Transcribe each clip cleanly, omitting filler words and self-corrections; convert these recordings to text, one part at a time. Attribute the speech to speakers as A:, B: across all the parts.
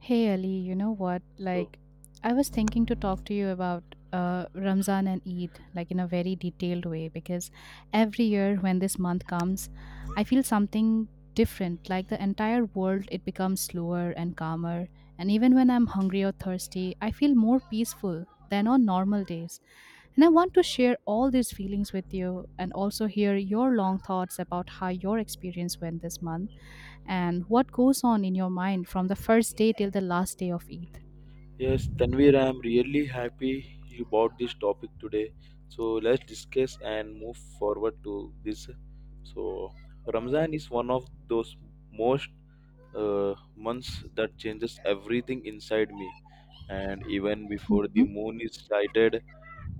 A: Hey Ali, you know what?
B: So,
A: Like, I was thinking to talk to you about Ramzan and Eid, like in a very detailed way, because every year when this month comes, I feel something different. Like the entire world, it becomes slower and calmer. And even when I'm hungry or thirsty, I feel more peaceful than on normal days. And I want to share all these feelings with you and also hear your long thoughts about how your experience went this month and what goes on in your mind from the first day till the last day of Eid?
B: yes, Tanvir, I'm really happy you bought this topic today. Let's discuss and move forward to this. So, Ramzan is one of those most months that changes everything inside me. And even before the
A: Mhm,
B: moon is sighted,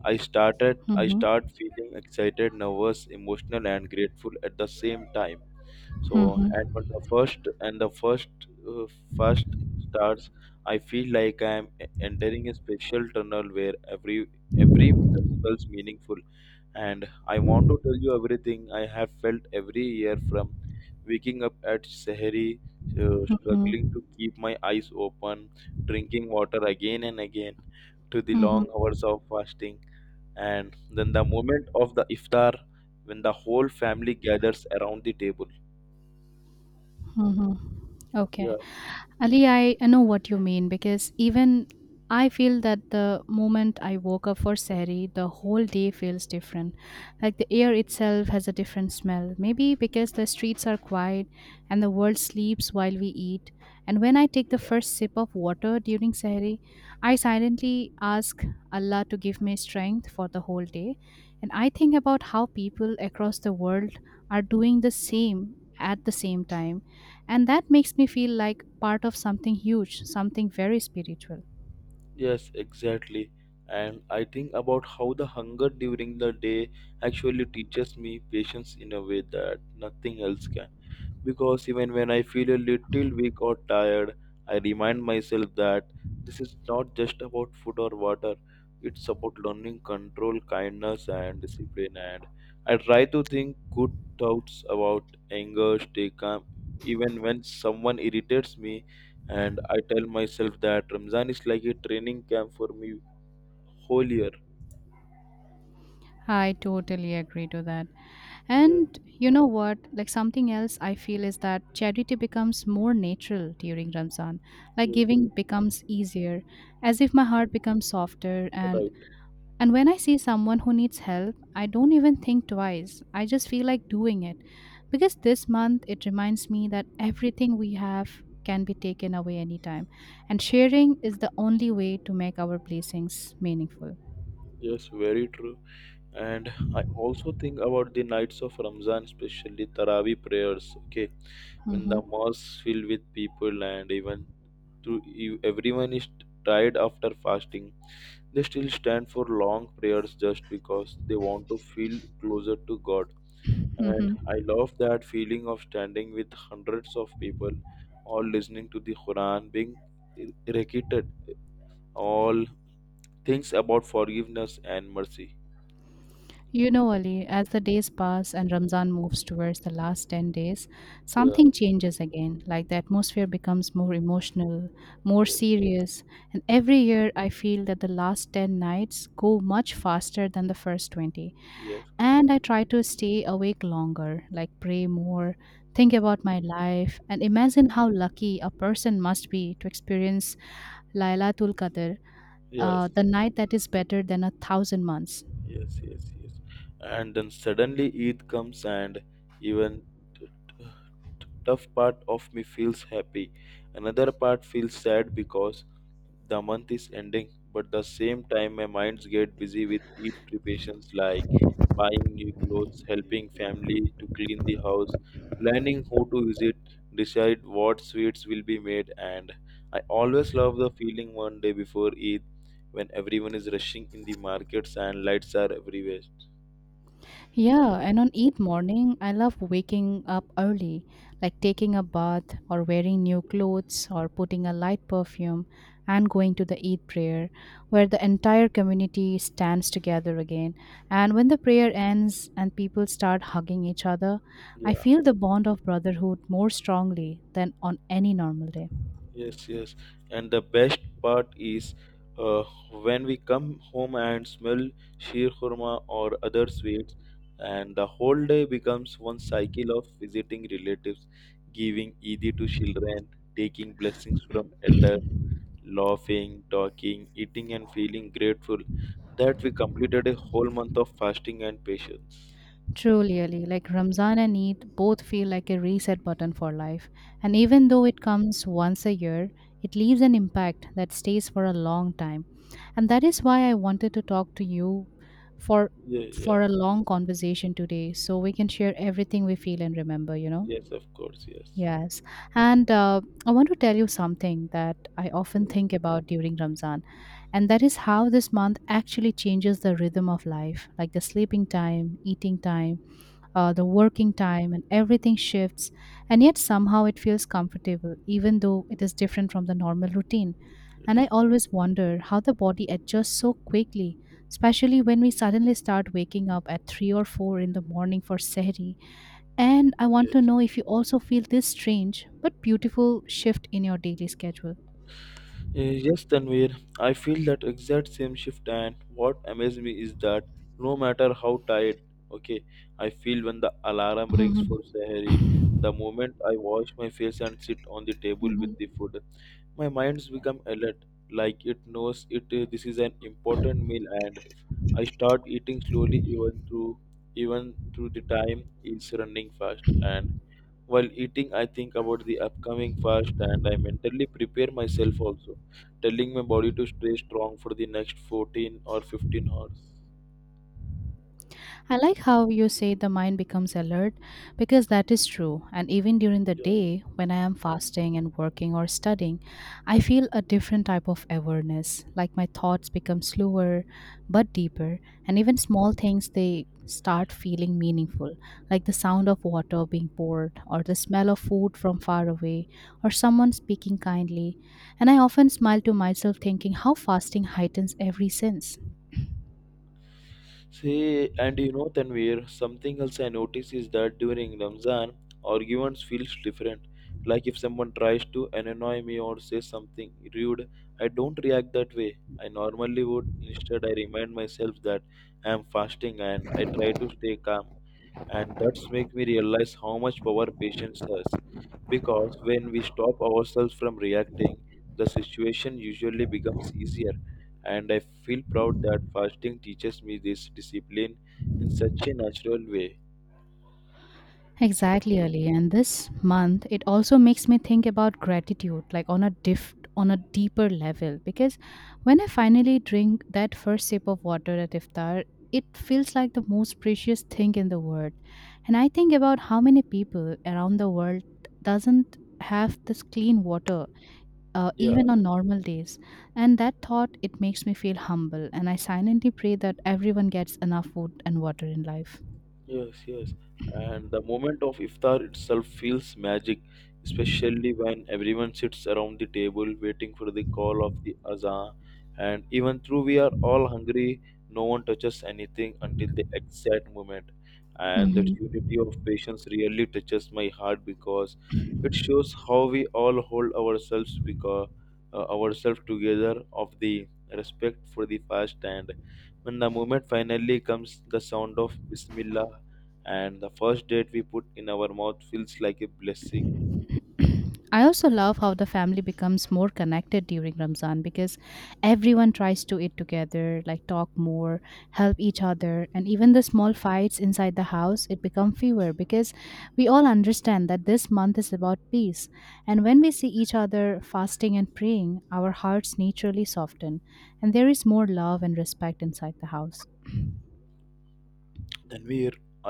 B: I started I
A: mhm,
B: start feeling excited, nervous, emotional, and grateful at the same time. So
A: mhm,
B: and but the first and the first uh, first starts, I feel like I am entering a special tunnel where every minute feels meaningful, and I want to tell you everything I have felt every year, from waking up at Sahari, struggling
A: mhm,
B: to keep my eyes open, drinking water again and again, to the
A: mhm,
B: long hours of fasting, and then the moment of the iftar when the whole family gathers around the table.
A: mhm. Okay.
B: Yeah.
A: Ali, I know what you mean because even I feel that the moment I woke up for Sari, the whole day feels different. Like the air itself has a different smell. Maybe because the streets are quiet and the world sleeps while we eat. And when I take the
B: Yeah.
A: first sip of water during Sari, I silently ask Allah to give me strength for the whole day. And I think about how people across the world are doing the same at the same time and that makes me feel like part of something huge, something very spiritual.
B: Yes, exactly. And I think about how the hunger during the day actually teaches me patience in a way that nothing else can, because even when I feel a little weak or tired, I remind myself that this is not just about food or water. It's about learning control, kindness, and discipline. And I try to think good thoughts about anger, stay calm, even when someone irritates me. And I tell myself that Ramzan is like a training camp for me whole year.
A: I totally agree to that.
B: Yeah,
A: And you know what? Like something else I feel is that charity becomes more natural during Ramzan. Like
B: yeah,
A: giving becomes easier, as if my heart becomes softer. and
B: right.
A: And when I see someone who needs help, I don't even think twice. I just feel like doing it. Because this month, it reminds me that everything we have can be taken away anytime. And sharing is the only way to make our blessings meaningful.
B: Yes, very true. And I also think about the nights of Ramzan, especially Taraweeh prayers. Okay, when the mosque filled with people and even to you, everyone is tired after fasting, they still stand for long prayers just because they want to feel closer to God. And
A: Hmm.
B: I love that feeling of standing with hundreds of people, all listening to the Quran being recited, all things about forgiveness and mercy.
A: You know, Ali, as the days pass and Ramzan moves towards the last 10 days,
B: Yeah,
A: something changes again. Like the atmosphere becomes more emotional, more
B: yeah,
A: serious. And every year, I feel that the last 10 nights go much faster than the first 20.
B: yes, correct.
A: And I try to stay awake longer, like pray more, think about my life, and imagine how lucky a person must be to experience Lailatul Qadr,
B: Yes,
A: the night that is better than a thousand months.
B: yes, yes, yes. And then suddenly Eid comes, and even t- t- tough part of me feels happy. Another part feels sad because the month is ending, but the same time my minds get busy with eat preparations, like buying new clothes, helping family to clean the house, planning who to visit, decide what sweets will be made, and I always love the feeling one day before Eid when everyone is rushing in the markets and lights are everywhere.
A: Yeah, and on each morning, I love waking up early, like taking a bath or wearing new clothes or putting a light perfume and going to the Eid prayer, where the entire community stands together again. And when the prayer ends and people start hugging each other, I
B: Yeah.
A: feel the bond of brotherhood more strongly than on any normal day.
B: Yes, yes. And the best part is uh, when we come home and smell sheer khurma or other sweets, and the whole day becomes one cycle of visiting relatives, giving Eid to children, taking blessings from elders, laughing, talking, eating, and feeling grateful that we completed a whole month of fasting and patience.
A: True, really. Like Ramzan and Eid both feel like a reset button for life. And
B: Yeah,
A: even though it comes once a year, it leaves an impact that stays for a long time. And that is why I wanted to talk to you for
B: yeah, yeah.
A: for a long conversation today so we can share everything we feel and remember.
B: Yes, of course. Yes.
A: Yes. And I want to tell you something that I often think about during Ramzan, and that is how this month actually changes the rhythm of life, like the sleeping time, eating time, the working time, and everything shifts and yet somehow it feels comfortable even though it is different from the normal routine. And I
B: Yes.
A: always wonder how the body adjusts so quickly, especially when we suddenly start waking up at 3 or 4 in the morning for sehri. And I want to
B: Yes.
A: know if you also feel this strange but beautiful shift in your daily schedule.
B: Yes, Tanvir, I feel that exact same shift, and what amazes me is that no matter how tired, okay, I feel when the alarm rings for Sahari, the moment I wash my face and sit on the table with the food, my mind's become alert, like it knows it this is an important meal, and I start eating slowly even through the time is running fast, and while eating, I think about the upcoming fast and I mentally prepare myself also, telling my body to stay strong for the next 14 or 15 hours.
A: I like how you say the mind becomes alert because that is true. And even during the
B: Yeah.
A: day, when I am fasting and working or studying, I feel a different type of awareness. Like my thoughts become slower but deeper. And even small things, they start feeling meaningful, like the sound of water being poured, or the smell of food from far away, or someone speaking kindly. And I often smile to myself, thinking how fasting heightens every sense.
B: See, and you know, Tanvir, something else I notice is that during Ramzan, arguments feels different. Like if someone tries to annoy me or says something rude, I don't react that way. I normally would. Instead, I remind myself that I am fasting and I try to stay calm. And that's make me realize how much power patience has, because when we stop ourselves from reacting, the situation usually becomes easier, and I feel proud that fasting teaches me this discipline in such a natural way.
A: Exactly, Ali. And this month, it also makes me think about gratitude, like on on a deeper level. Because when I finally drink that first sip of water at iftar, it feels like the most precious thing in the world. And I think about how many people around the world doesn't have this clean water,
B: Yeah.
A: even on normal days. And that thought, it makes me feel humble. And I silently pray that everyone gets enough food and water in life.
B: Yes, yes. And the moment of iftar itself feels magic, especially when everyone sits around the table waiting for the call of the azan. And even though we are all hungry, no one touches anything until the exact moment. And that
A: Mhm.
B: unity of patience really touches my heart, because it shows how we all hold ourselves, because ourselves together of the respect for the fast. And when the moment finally comes, the sound of bismillah and the first date we put in our mouth feels like a blessing.
A: I also love how the family becomes more connected during Ramzan because everyone tries to eat together, like talk more, help each other, and even the small fights inside the house it become fewer because we all understand that this month is about peace. And when we see each other fasting and praying, our hearts naturally soften, and there is more love and respect inside the house.
B: Then we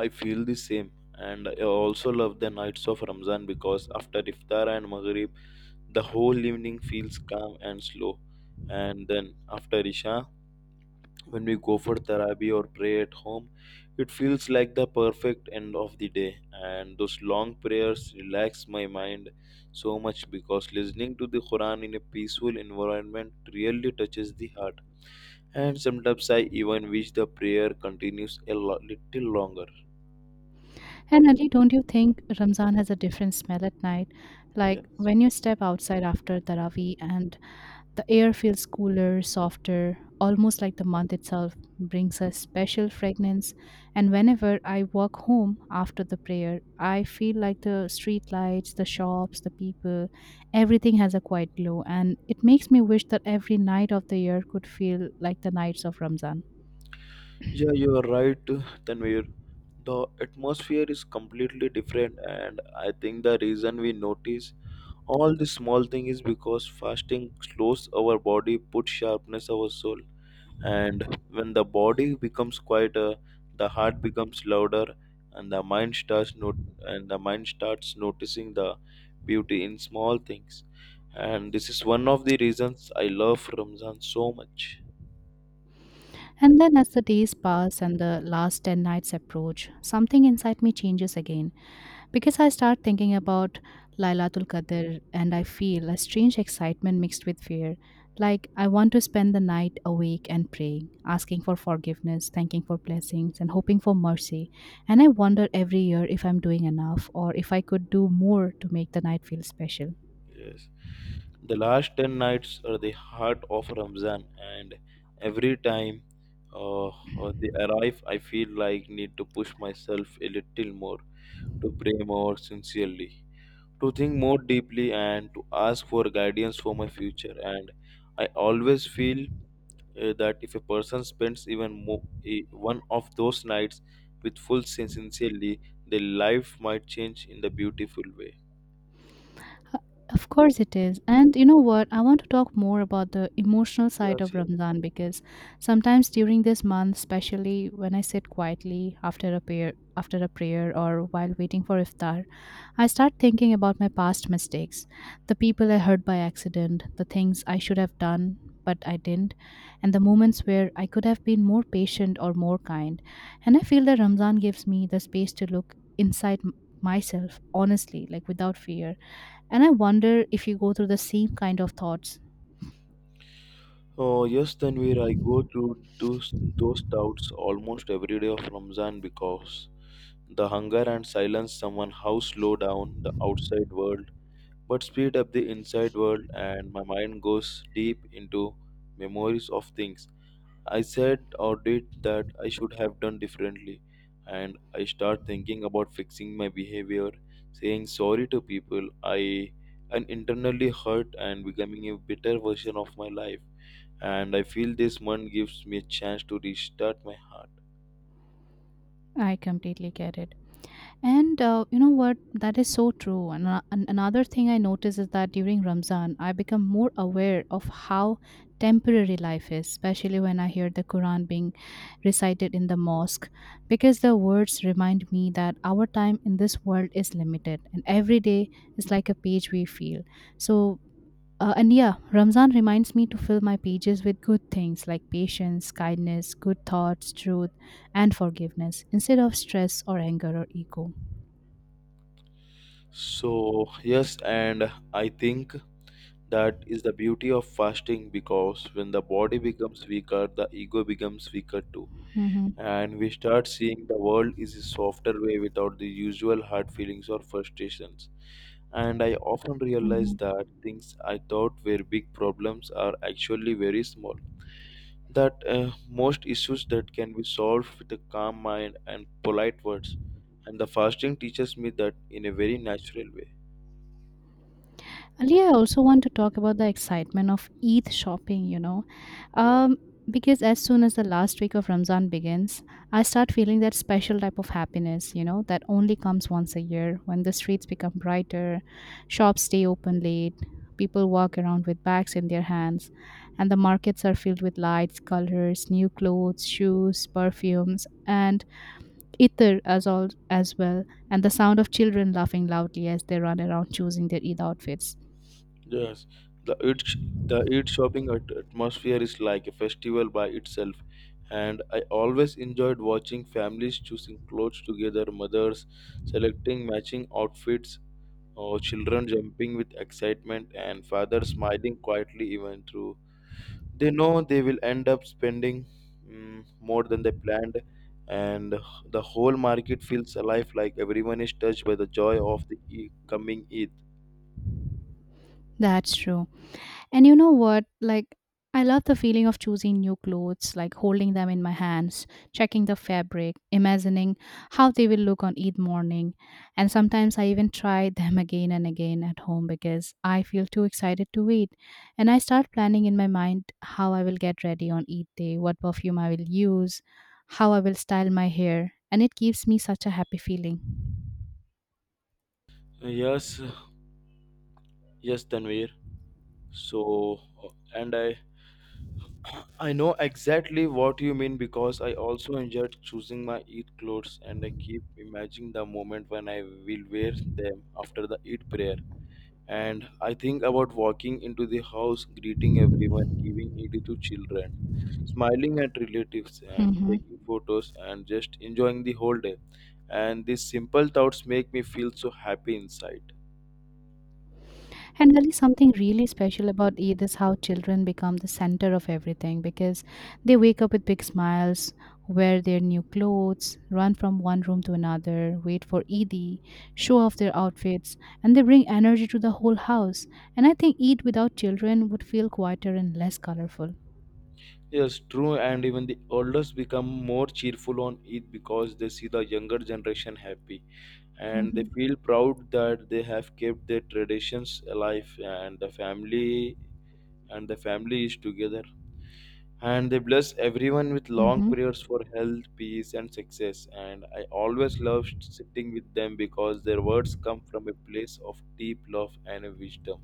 B: I feel the same, and I also love the nights of Ramzan, because after iftar and maghrib the whole evening feels calm and slow, and then after isha, when we go for tarabi or pray at home, it feels like the perfect end of the day, and those long prayers relax my mind so much, because listening to the Quran in a peaceful environment really touches the heart, and sometimes I even wish the prayer continues a little longer.
A: And Ali, don't you think Ramzan has a different smell at night?
B: Yeah.
A: Like when you step outside after Taraweeh and the air feels cooler, softer, almost like the month itself brings a special fragrance. And whenever I walk home after the prayer, I feel like the street lights, the shops, the people, everything has a quiet glow. And it makes me wish that every night of the year could feel like the nights of Ramzan.
B: Yeah, you are right, Tanvir. The atmosphere is completely different, and I think the reason we notice all this small thing is because fasting slows our body, puts sharpness our soul, and when the body becomes quieter, the heart becomes louder, and the mind starts not- and the mind starts noticing the beauty in small things, and this is one of the reasons I love Ramzan so much.
A: And then, as the days pass and the last 10 nights approach, something inside me changes again because I start thinking about Lailatul Qadr, and I
B: Yes,
A: feel a strange excitement mixed with fear. Like, I want to spend the night awake and praying, asking for forgiveness, thanking for blessings, and hoping for mercy. And I wonder every year if I'm doing enough or if I could do more to make the night feel special.
B: yes. The last 10 nights are the heart of Ramzan, and every time they arrive I feel like need to push myself a little more, to pray more sincerely, to think more deeply, and to ask for guidance for my future. And I always feel that if a person spends even more, one of those nights with full sincerely, their life might change in the beautiful way.
A: Of course it is. And you know what? I want to talk more about the emotional side
B: Yes,
A: of
B: yes.
A: Ramzan because sometimes during this month, especially when I sit quietly after a prayer or while waiting for iftar, I start thinking about my past mistakes, the people I hurt by accident, the things I should have done but I didn't, and the moments where I could have been more patient or more kind. And I feel that Ramzan gives me the space to look inside myself honestly, like without fear, and I wonder if you go through the same kind of thoughts.
B: Oh, yes, Tanvir, I go through those doubts almost every day of Ramzan, because the hunger and silence someone how slow down the outside world but speed up the inside world, and my mind goes deep into memories of things I said or did that I should have done differently, and I start thinking about fixing my behavior, saying sorry to people I and internally hurt, and becoming a better version of my life. And I feel this month gives me a chance to restart my heart.
A: I completely get it. And you know what? That is so true. And another thing I notice is that during Ramzan, I become more aware of how temporary life is, especially when I hear the Quran being recited in the mosque, because the words remind me that our time in this world is limited and every day is like a page we feel. So and yeah, Ramzan reminds me to fill my pages with good things like patience, kindness, good thoughts, truth, and forgiveness instead of stress or anger or ego.
B: So yes, and I think that is the beauty of fasting, because when the body becomes weaker, the ego becomes weaker too.
A: Mhm,
B: And we start seeing the world is a softer way without the usual hard feelings or frustrations. And I often realize
A: mhm.
B: that things I thought were big problems are actually very small. That most issues that can be solved with a calm mind and polite words. And the fasting teaches me that in a very natural way.
A: Ali, I also want to talk about the excitement of Eid shopping.
B: Yeah.
A: Um, because as soon as the last week of Ramzan begins, I start feeling that special type of happiness, that only comes once a year when the streets become brighter, shops stay open late, people walk around with bags in their hands, and the markets are filled with lights, colors, new clothes, shoes, perfumes, and itar as all as well, and the sound of children laughing loudly as they run around choosing their Eid outfits.
B: Yes, the Eid, sh- the Eid shopping atmosphere is like a festival by itself, and I always enjoyed watching families choosing clothes together, mothers selecting matching outfits, or children jumping with excitement, and fathers smiling quietly even through they know they will end up spending more than they planned, and the whole market feels alive, like everyone is touched by the joy of the coming Eid.
A: That's true. And you know what? Like, I love the feeling of choosing new clothes, like holding them in my hands, checking the fabric, imagining how they will look on each morning. And sometimes I even try them again and again at home because I feel too excited to wait. And I start planning in my mind how I will get ready on each day, what perfume I will use, how I will style my hair. And it gives me such a happy feeling.
B: Yes, yes, Tanvir. So, and I know exactly what you mean, because I also enjoyed choosing my Eid clothes, and I keep imagining the moment when I will wear them after the Eid prayer. And I think about walking into the house, greeting everyone, giving Eid to children, smiling at relatives and
A: Mhm.
B: taking photos and just enjoying the whole day. And these simple thoughts make me feel so happy inside.
A: And there is something really special about it is how children become the center of everything because they wake up with big smiles, wear their new clothes, run from one room to another, wait for Eid, show off their outfits, and they bring energy to the whole house. And I think Eid without children would feel quieter and less colorful.
B: Yes, true, and even the elders become more cheerful on Eid, because they see the younger generation happy, and they
A: Hmm.
B: feel proud that they have kept their traditions alive, and the family is together. And they bless everyone with long
A: Hmm.
B: prayers for health, peace, and success. And I always love sitting with them, because their words come from a place of deep love and wisdom.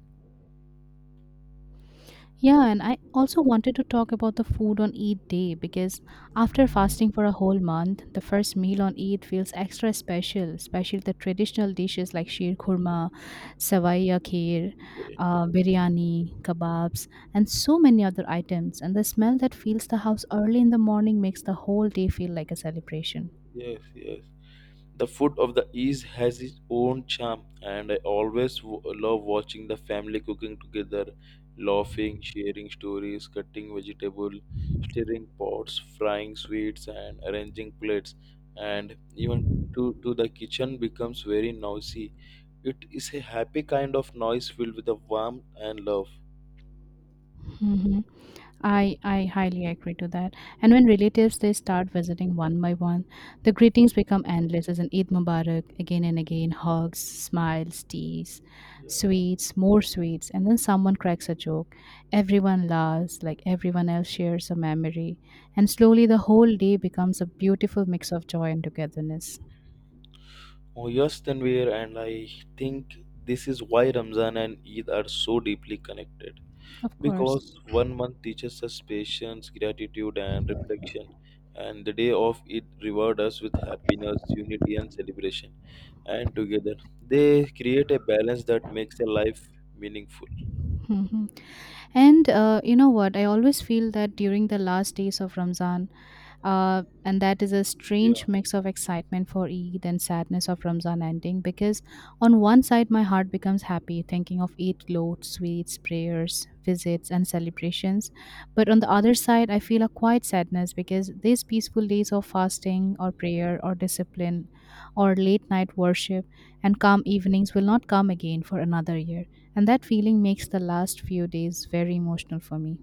A: Yeah, and I also wanted to talk about the food on Eid day because after fasting for a whole month, the first meal on Eid feels extra special, especially the traditional dishes like sheer khurma, savaiya kheer,
B: Okay.
A: biryani, kebabs, and so many other items. And the smell that fills the house early in the morning makes the whole day feel like a celebration.
B: Yes, yes. The food of the East has its own charm, and I always love watching the family cooking together, laughing, sharing stories, cutting vegetable, stirring pots, frying sweets, and arranging plates. And even to the kitchen becomes very noisy. It is a happy kind of noise filled with the warmth and love.
A: Mhm. I highly agree to that. And when relatives they start visiting one by one, the greetings become endless as an Eid Mubarak again and again, hugs, smiles, teas,
B: Yeah.
A: sweets, more sweets, and then someone cracks a joke. Everyone laughs, like everyone else shares a memory, and slowly the whole day becomes a beautiful mix of joy and togetherness.
B: Oh yes, Tanvir, and I think this is why Ramzan and Eid are so deeply connected.
A: Of course.
B: Because one month teaches us patience, gratitude, and reflection, and the day of it reward us with happiness, unity, and celebration. And together, they create a balance that makes a life meaningful.
A: And you know what? I always feel that during the last days of Ramzan, and that is a
B: Yeah.
A: strange mix of excitement for Eid and sadness of Ramzan ending because on one side my heart becomes happy thinking of Eid loads, sweets, prayers, visits and celebrations, but on the other side I feel a quiet sadness because these peaceful days of fasting or prayer or discipline or late night worship and calm evenings will not come again for another year. And that feeling makes the last few days very emotional for me.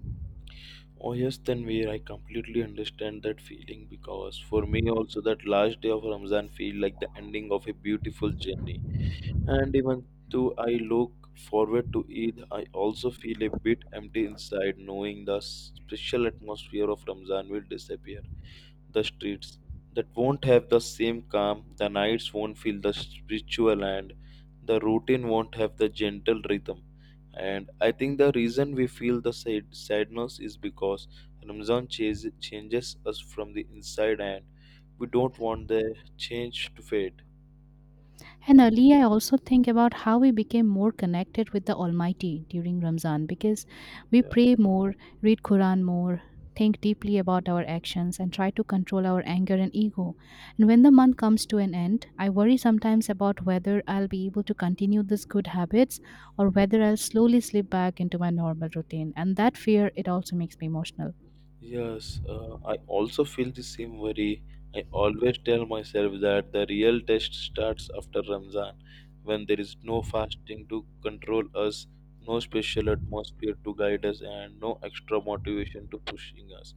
B: Oh yes, Tanvir, I completely understand that feeling, because for me also that last day of Ramzan feel like the ending of a beautiful journey. And even though I look forward to Eid, I also feel a bit empty inside, knowing the special atmosphere of Ramzan will disappear. The streets that won't have the same calm, the nights won't feel the spiritual, and the routine won't have the gentle rhythm. And I think the reason we feel the sadness is because Ramzan changes us from the inside, and we don't want the change to fade.
A: And earlier, I also think about how we became more connected with the Almighty during Ramzan because we
B: Yeah.
A: pray more, read Quran more, think deeply about our actions, and try to control our anger and ego. And when the month comes to an end, I worry sometimes about whether I'll be able to continue these good habits or whether I'll slowly slip back into my normal routine. And that fear, it also makes me emotional.
B: Yes, I also feel the same worry. I always tell myself that the real test starts after Ramzan, when there is no fasting to control us, no special atmosphere to guide us, and no extra motivation to pushing us.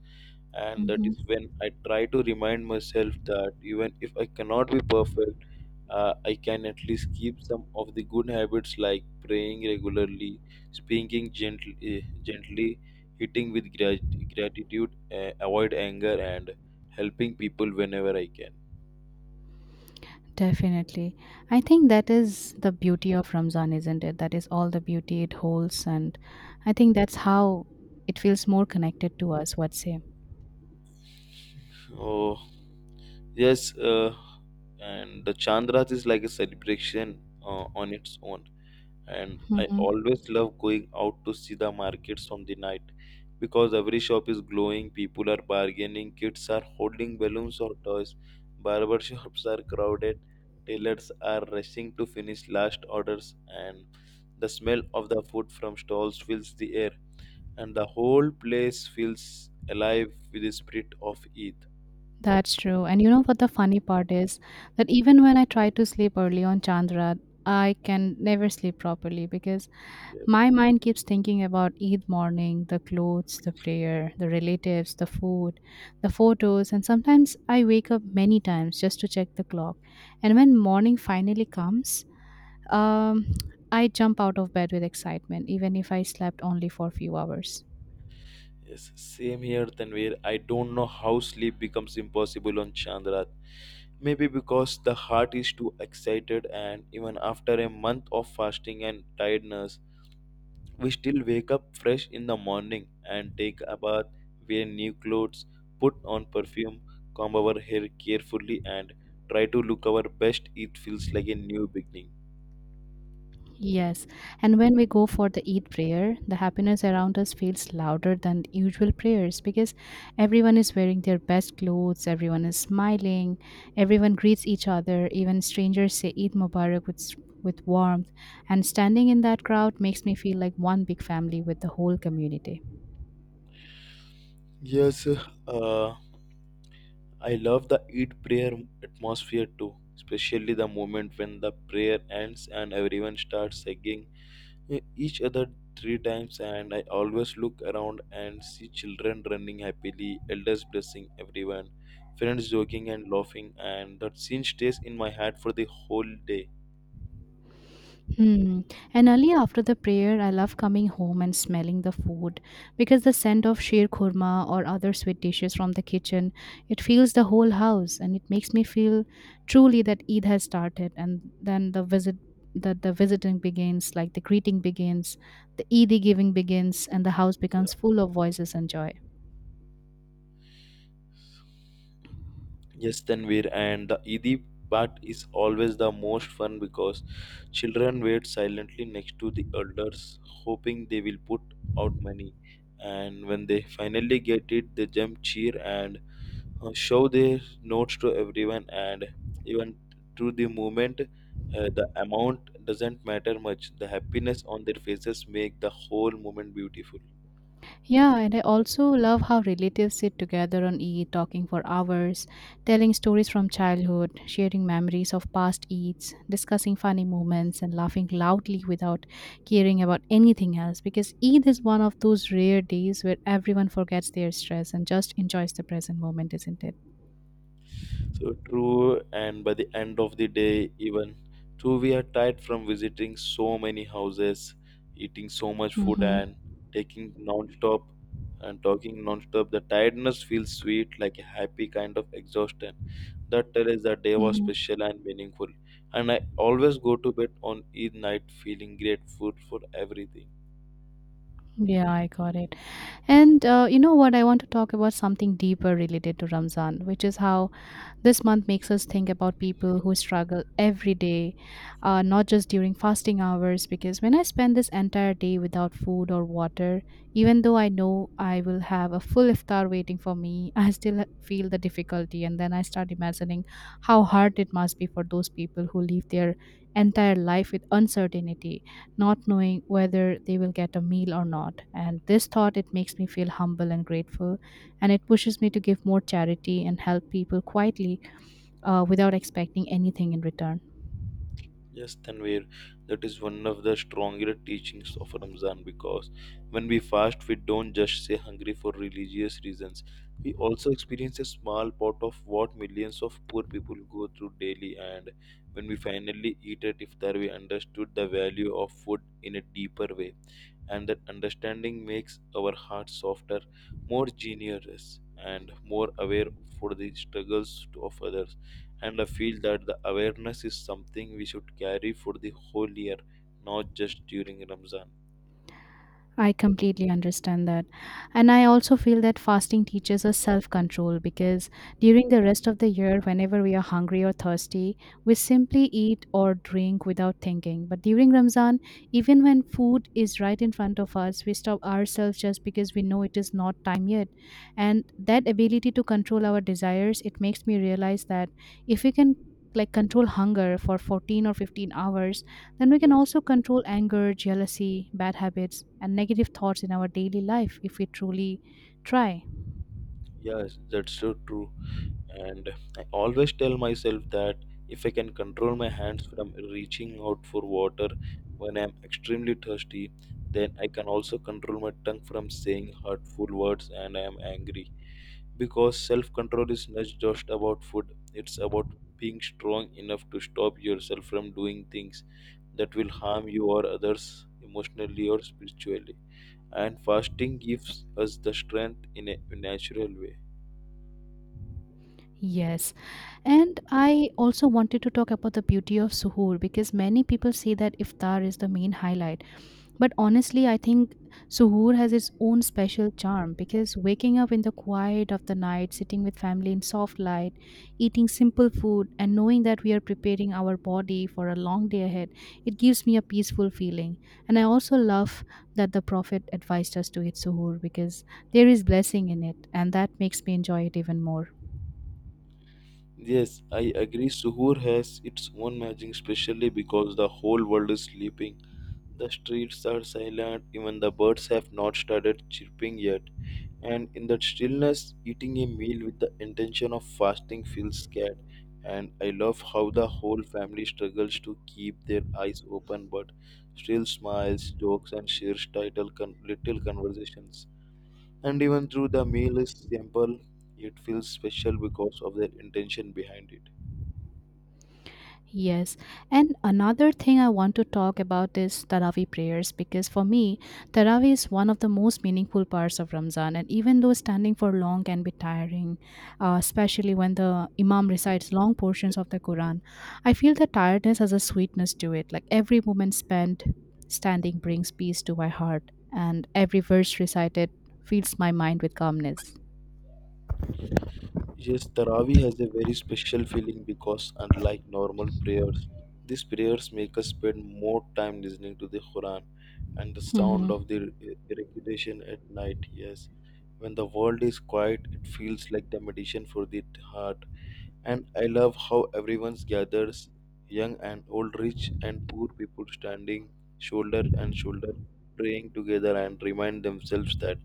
B: And that is
A: Mhm.
B: when I try to remind myself that even if I cannot be perfect, I can at least keep some of the good habits like praying regularly, speaking gently, eating with gratitude, avoid anger, and helping people whenever I can.
A: Definitely. I think that is the beauty of Ramzan, isn't it? That is all the beauty it holds. And I think that's how it feels more connected to us, what say?
B: Oh, yes, and the Chandras is like a celebration on its own. And I
A: Hmm.
B: always love going out to see the markets on the night because every shop is glowing, people are bargaining, kids are holding balloons or toys, barber shops are crowded, tailors are rushing to finish last orders, and the smell of the food from stalls fills the air. And the whole place feels alive with the spirit of Eid.
A: That's true. And you know what the funny part is? That even when I try to sleep early on Chandra, I can never sleep properly because
B: Yes.
A: my mind keeps thinking about Eid morning, the clothes, the prayer, the relatives, the food, the photos, and sometimes I wake up many times just to check the clock. And when morning finally comes, um, I jump out of bed with excitement, even if I slept only for a few hours.
B: Yes, same here, Tanvir. I don't know how sleep becomes impossible on Chandrat. Maybe because the heart is too excited, and even after a month of fasting and tiredness, we still wake up fresh in the morning and take a bath, wear new clothes, put on perfume, comb our hair carefully, and try to look our best. It feels like a new beginning.
A: Yes, and when we go for the Eid prayer, the happiness around us feels louder than usual prayers because everyone is wearing their best clothes, everyone is smiling, everyone greets each other, even strangers say Eid Mubarak with warmth, and standing in that crowd makes me feel like one big family with the whole community.
B: Yes, uh, I love the Eid prayer atmosphere too, especially the moment when the prayer ends and everyone starts hugging each other three times. And I always look around and see children running happily, elders blessing everyone, friends joking and laughing, and that scene stays in my head for the whole day.
A: Hmm. And early after the prayer, I love coming home and smelling the food because the scent of sheer kurma or other sweet dishes from the kitchen, it fills the whole house and it makes me feel truly that Eid has started. And then that the visiting begins, like the greeting begins, the Eid giving begins, and the house becomes
B: Yeah.
A: full of voices and joy.
B: Yes, Tanvir, and the Eid part is always the most fun because children wait silently next to the elders, hoping they will put out money. And when they finally get it, they jump, cheer, and show their notes to everyone. And even through the moment, the amount doesn't matter much. The happiness on their faces make the whole moment beautiful.
A: Yeah, and I also love how relatives sit together on Eid talking for hours, telling stories from childhood, sharing memories of past Eids, discussing funny moments, and laughing loudly without caring about anything else. Because Eid is one of those rare days where everyone forgets their stress and just enjoys the present moment, isn't it?
B: So true, and by the end of the day, even true, we are tired from visiting so many houses, eating so much food,
A: Mm-hmm.
B: and taking non-stop and talking non-stop. The tiredness feels sweet, like a happy kind of exhaustion. That tells us that day was
A: Mm-hmm.
B: special and meaningful. And I always go to bed on each night feeling grateful for everything.
A: Yeah, I got it. And you know what? I want to talk about something deeper related to Ramzan, which is how this month makes us think about people who struggle every day, not just during fasting hours. Because when I spend this entire day without food or water, even though I know I will have a full iftar waiting for me, I still feel the difficulty. And then I start imagining how hard it must be for those people who live their entire life with uncertainty, not knowing whether they will get a meal or not. And this thought, it makes me feel humble and grateful, and it pushes me to give more charity and help people quietly, without expecting anything in return.
B: Yes, Tanvir, that is one of the stronger teachings of Ramzan because when we fast, we don't just stay hungry for religious reasons. We also experience a small part of what millions of poor people go through daily, and when we finally eat at iftar, we understood the value of food in a deeper way, and that understanding makes our hearts softer, more generous, and more aware for the struggles of others, and I feel that the awareness is something we should carry for the whole year, not just during Ramzan.
A: I completely understand that. And I also feel that fasting teaches us self control because during the rest of the year, whenever we are hungry or thirsty, we simply eat or drink without thinking. But during Ramzan, even when food is right in front of us, we stop ourselves just because we know it is not time yet. And that ability to control our desires, it makes me realize that if we can like control hunger for 14 or 15 hours, then we can
B: Yes,
A: also control anger, jealousy, bad habits, and negative thoughts in our daily life if we truly try.
B: yes, that's so true. And I always tell myself that if I can control my hands from reaching out for water when I'm extremely thirsty, then I can also control my tongue from saying hurtful words and I am angry. Because self control is not just about food, it's about being strong enough to stop yourself from doing things that will harm you or others emotionally or spiritually. And fasting gives us the strength in a natural way.
A: Yes. And I also wanted to talk about the beauty of suhoor because many people say that iftar is the main highlight. But honestly, I think Suhoor has its own special charm because waking up in the quiet of the night, sitting with family in soft light, eating simple food, and knowing that we are preparing our body for a long day ahead, it gives me a peaceful feeling. And I also love that the Prophet advised us to eat Suhoor because there is blessing in it, and that makes me enjoy it even more.
B: Yes, I agree. Suhoor has its own magic, especially because the whole world is sleeping. The streets are silent, even the birds have not started chirping yet. And in that stillness, eating a meal with the intention of fasting feels scared. And I love how the whole family struggles to keep their eyes open but still smiles, jokes, and shares little conversations. And even though the meal is simple, it feels special because of their intention behind it.
A: Yes. And another thing I want to talk about is Taraweeh prayers because for me, Taraweeh is one of the most meaningful parts of Ramzan. And even though standing for long can be tiring, especially when the Imam recites long
B: Ye-
A: portions of the Quran, I feel the tiredness has a sweetness to it. Like every moment spent standing brings peace to my heart, and every verse recited fills my mind with calmness.
B: Yes, Taraweeh has a very special feeling because, unlike normal prayers, these prayers make us spend more time listening to the Quran and the sound of
A: Mm-hmm.
B: the recitation at night. Yes, when the world is quiet, it feels like the meditation for the heart. And I love how everyone gathers young and old, rich and poor people standing shoulder and shoulder, praying together and remind themselves that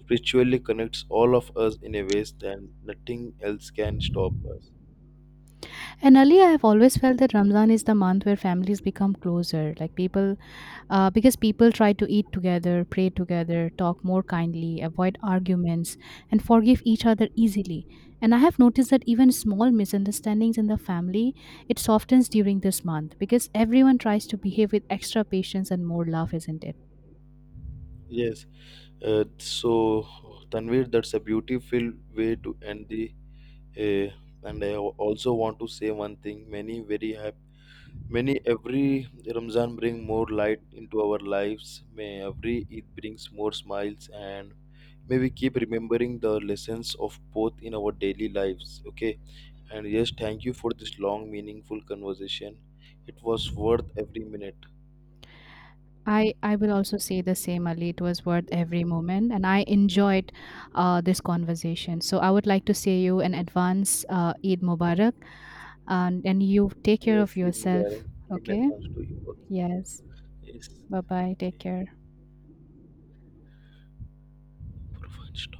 B: spiritually connects all of us in a ways that nothing else can stop us.
A: And earlier, I've always felt that Ramzan is the month where families become closer, like people, because people try to eat together, pray together, talk more kindly, avoid arguments, and forgive each other easily. And I have noticed that even small misunderstandings in the family, it softens during this month because everyone tries to behave with extra patience and more love, isn't it?
B: Yes, so Tanvir, that's a beautiful way to end the. Uh, and I also want to say one thing: many very happy, many every Ramzan bring more light into our lives. May every Eid brings more smiles, and may we keep remembering the lessons of both in our daily lives. Okay. And yes, thank you for this long, meaningful conversation. It was worth every minute.
A: I will also say the same, Ali. It was worth
B: Yes,
A: every moment, and I enjoyed this conversation. So I would like to say you an
B: yes,
A: advance Eid Mubarak, and you take care of
B: yes. In
A: yourself.
B: Mubarak, in
A: Okay.
B: advance to you also.
A: Yes.
B: Yes,
A: Bye bye. Take
B: okay.
A: care.
B: For fun, stop.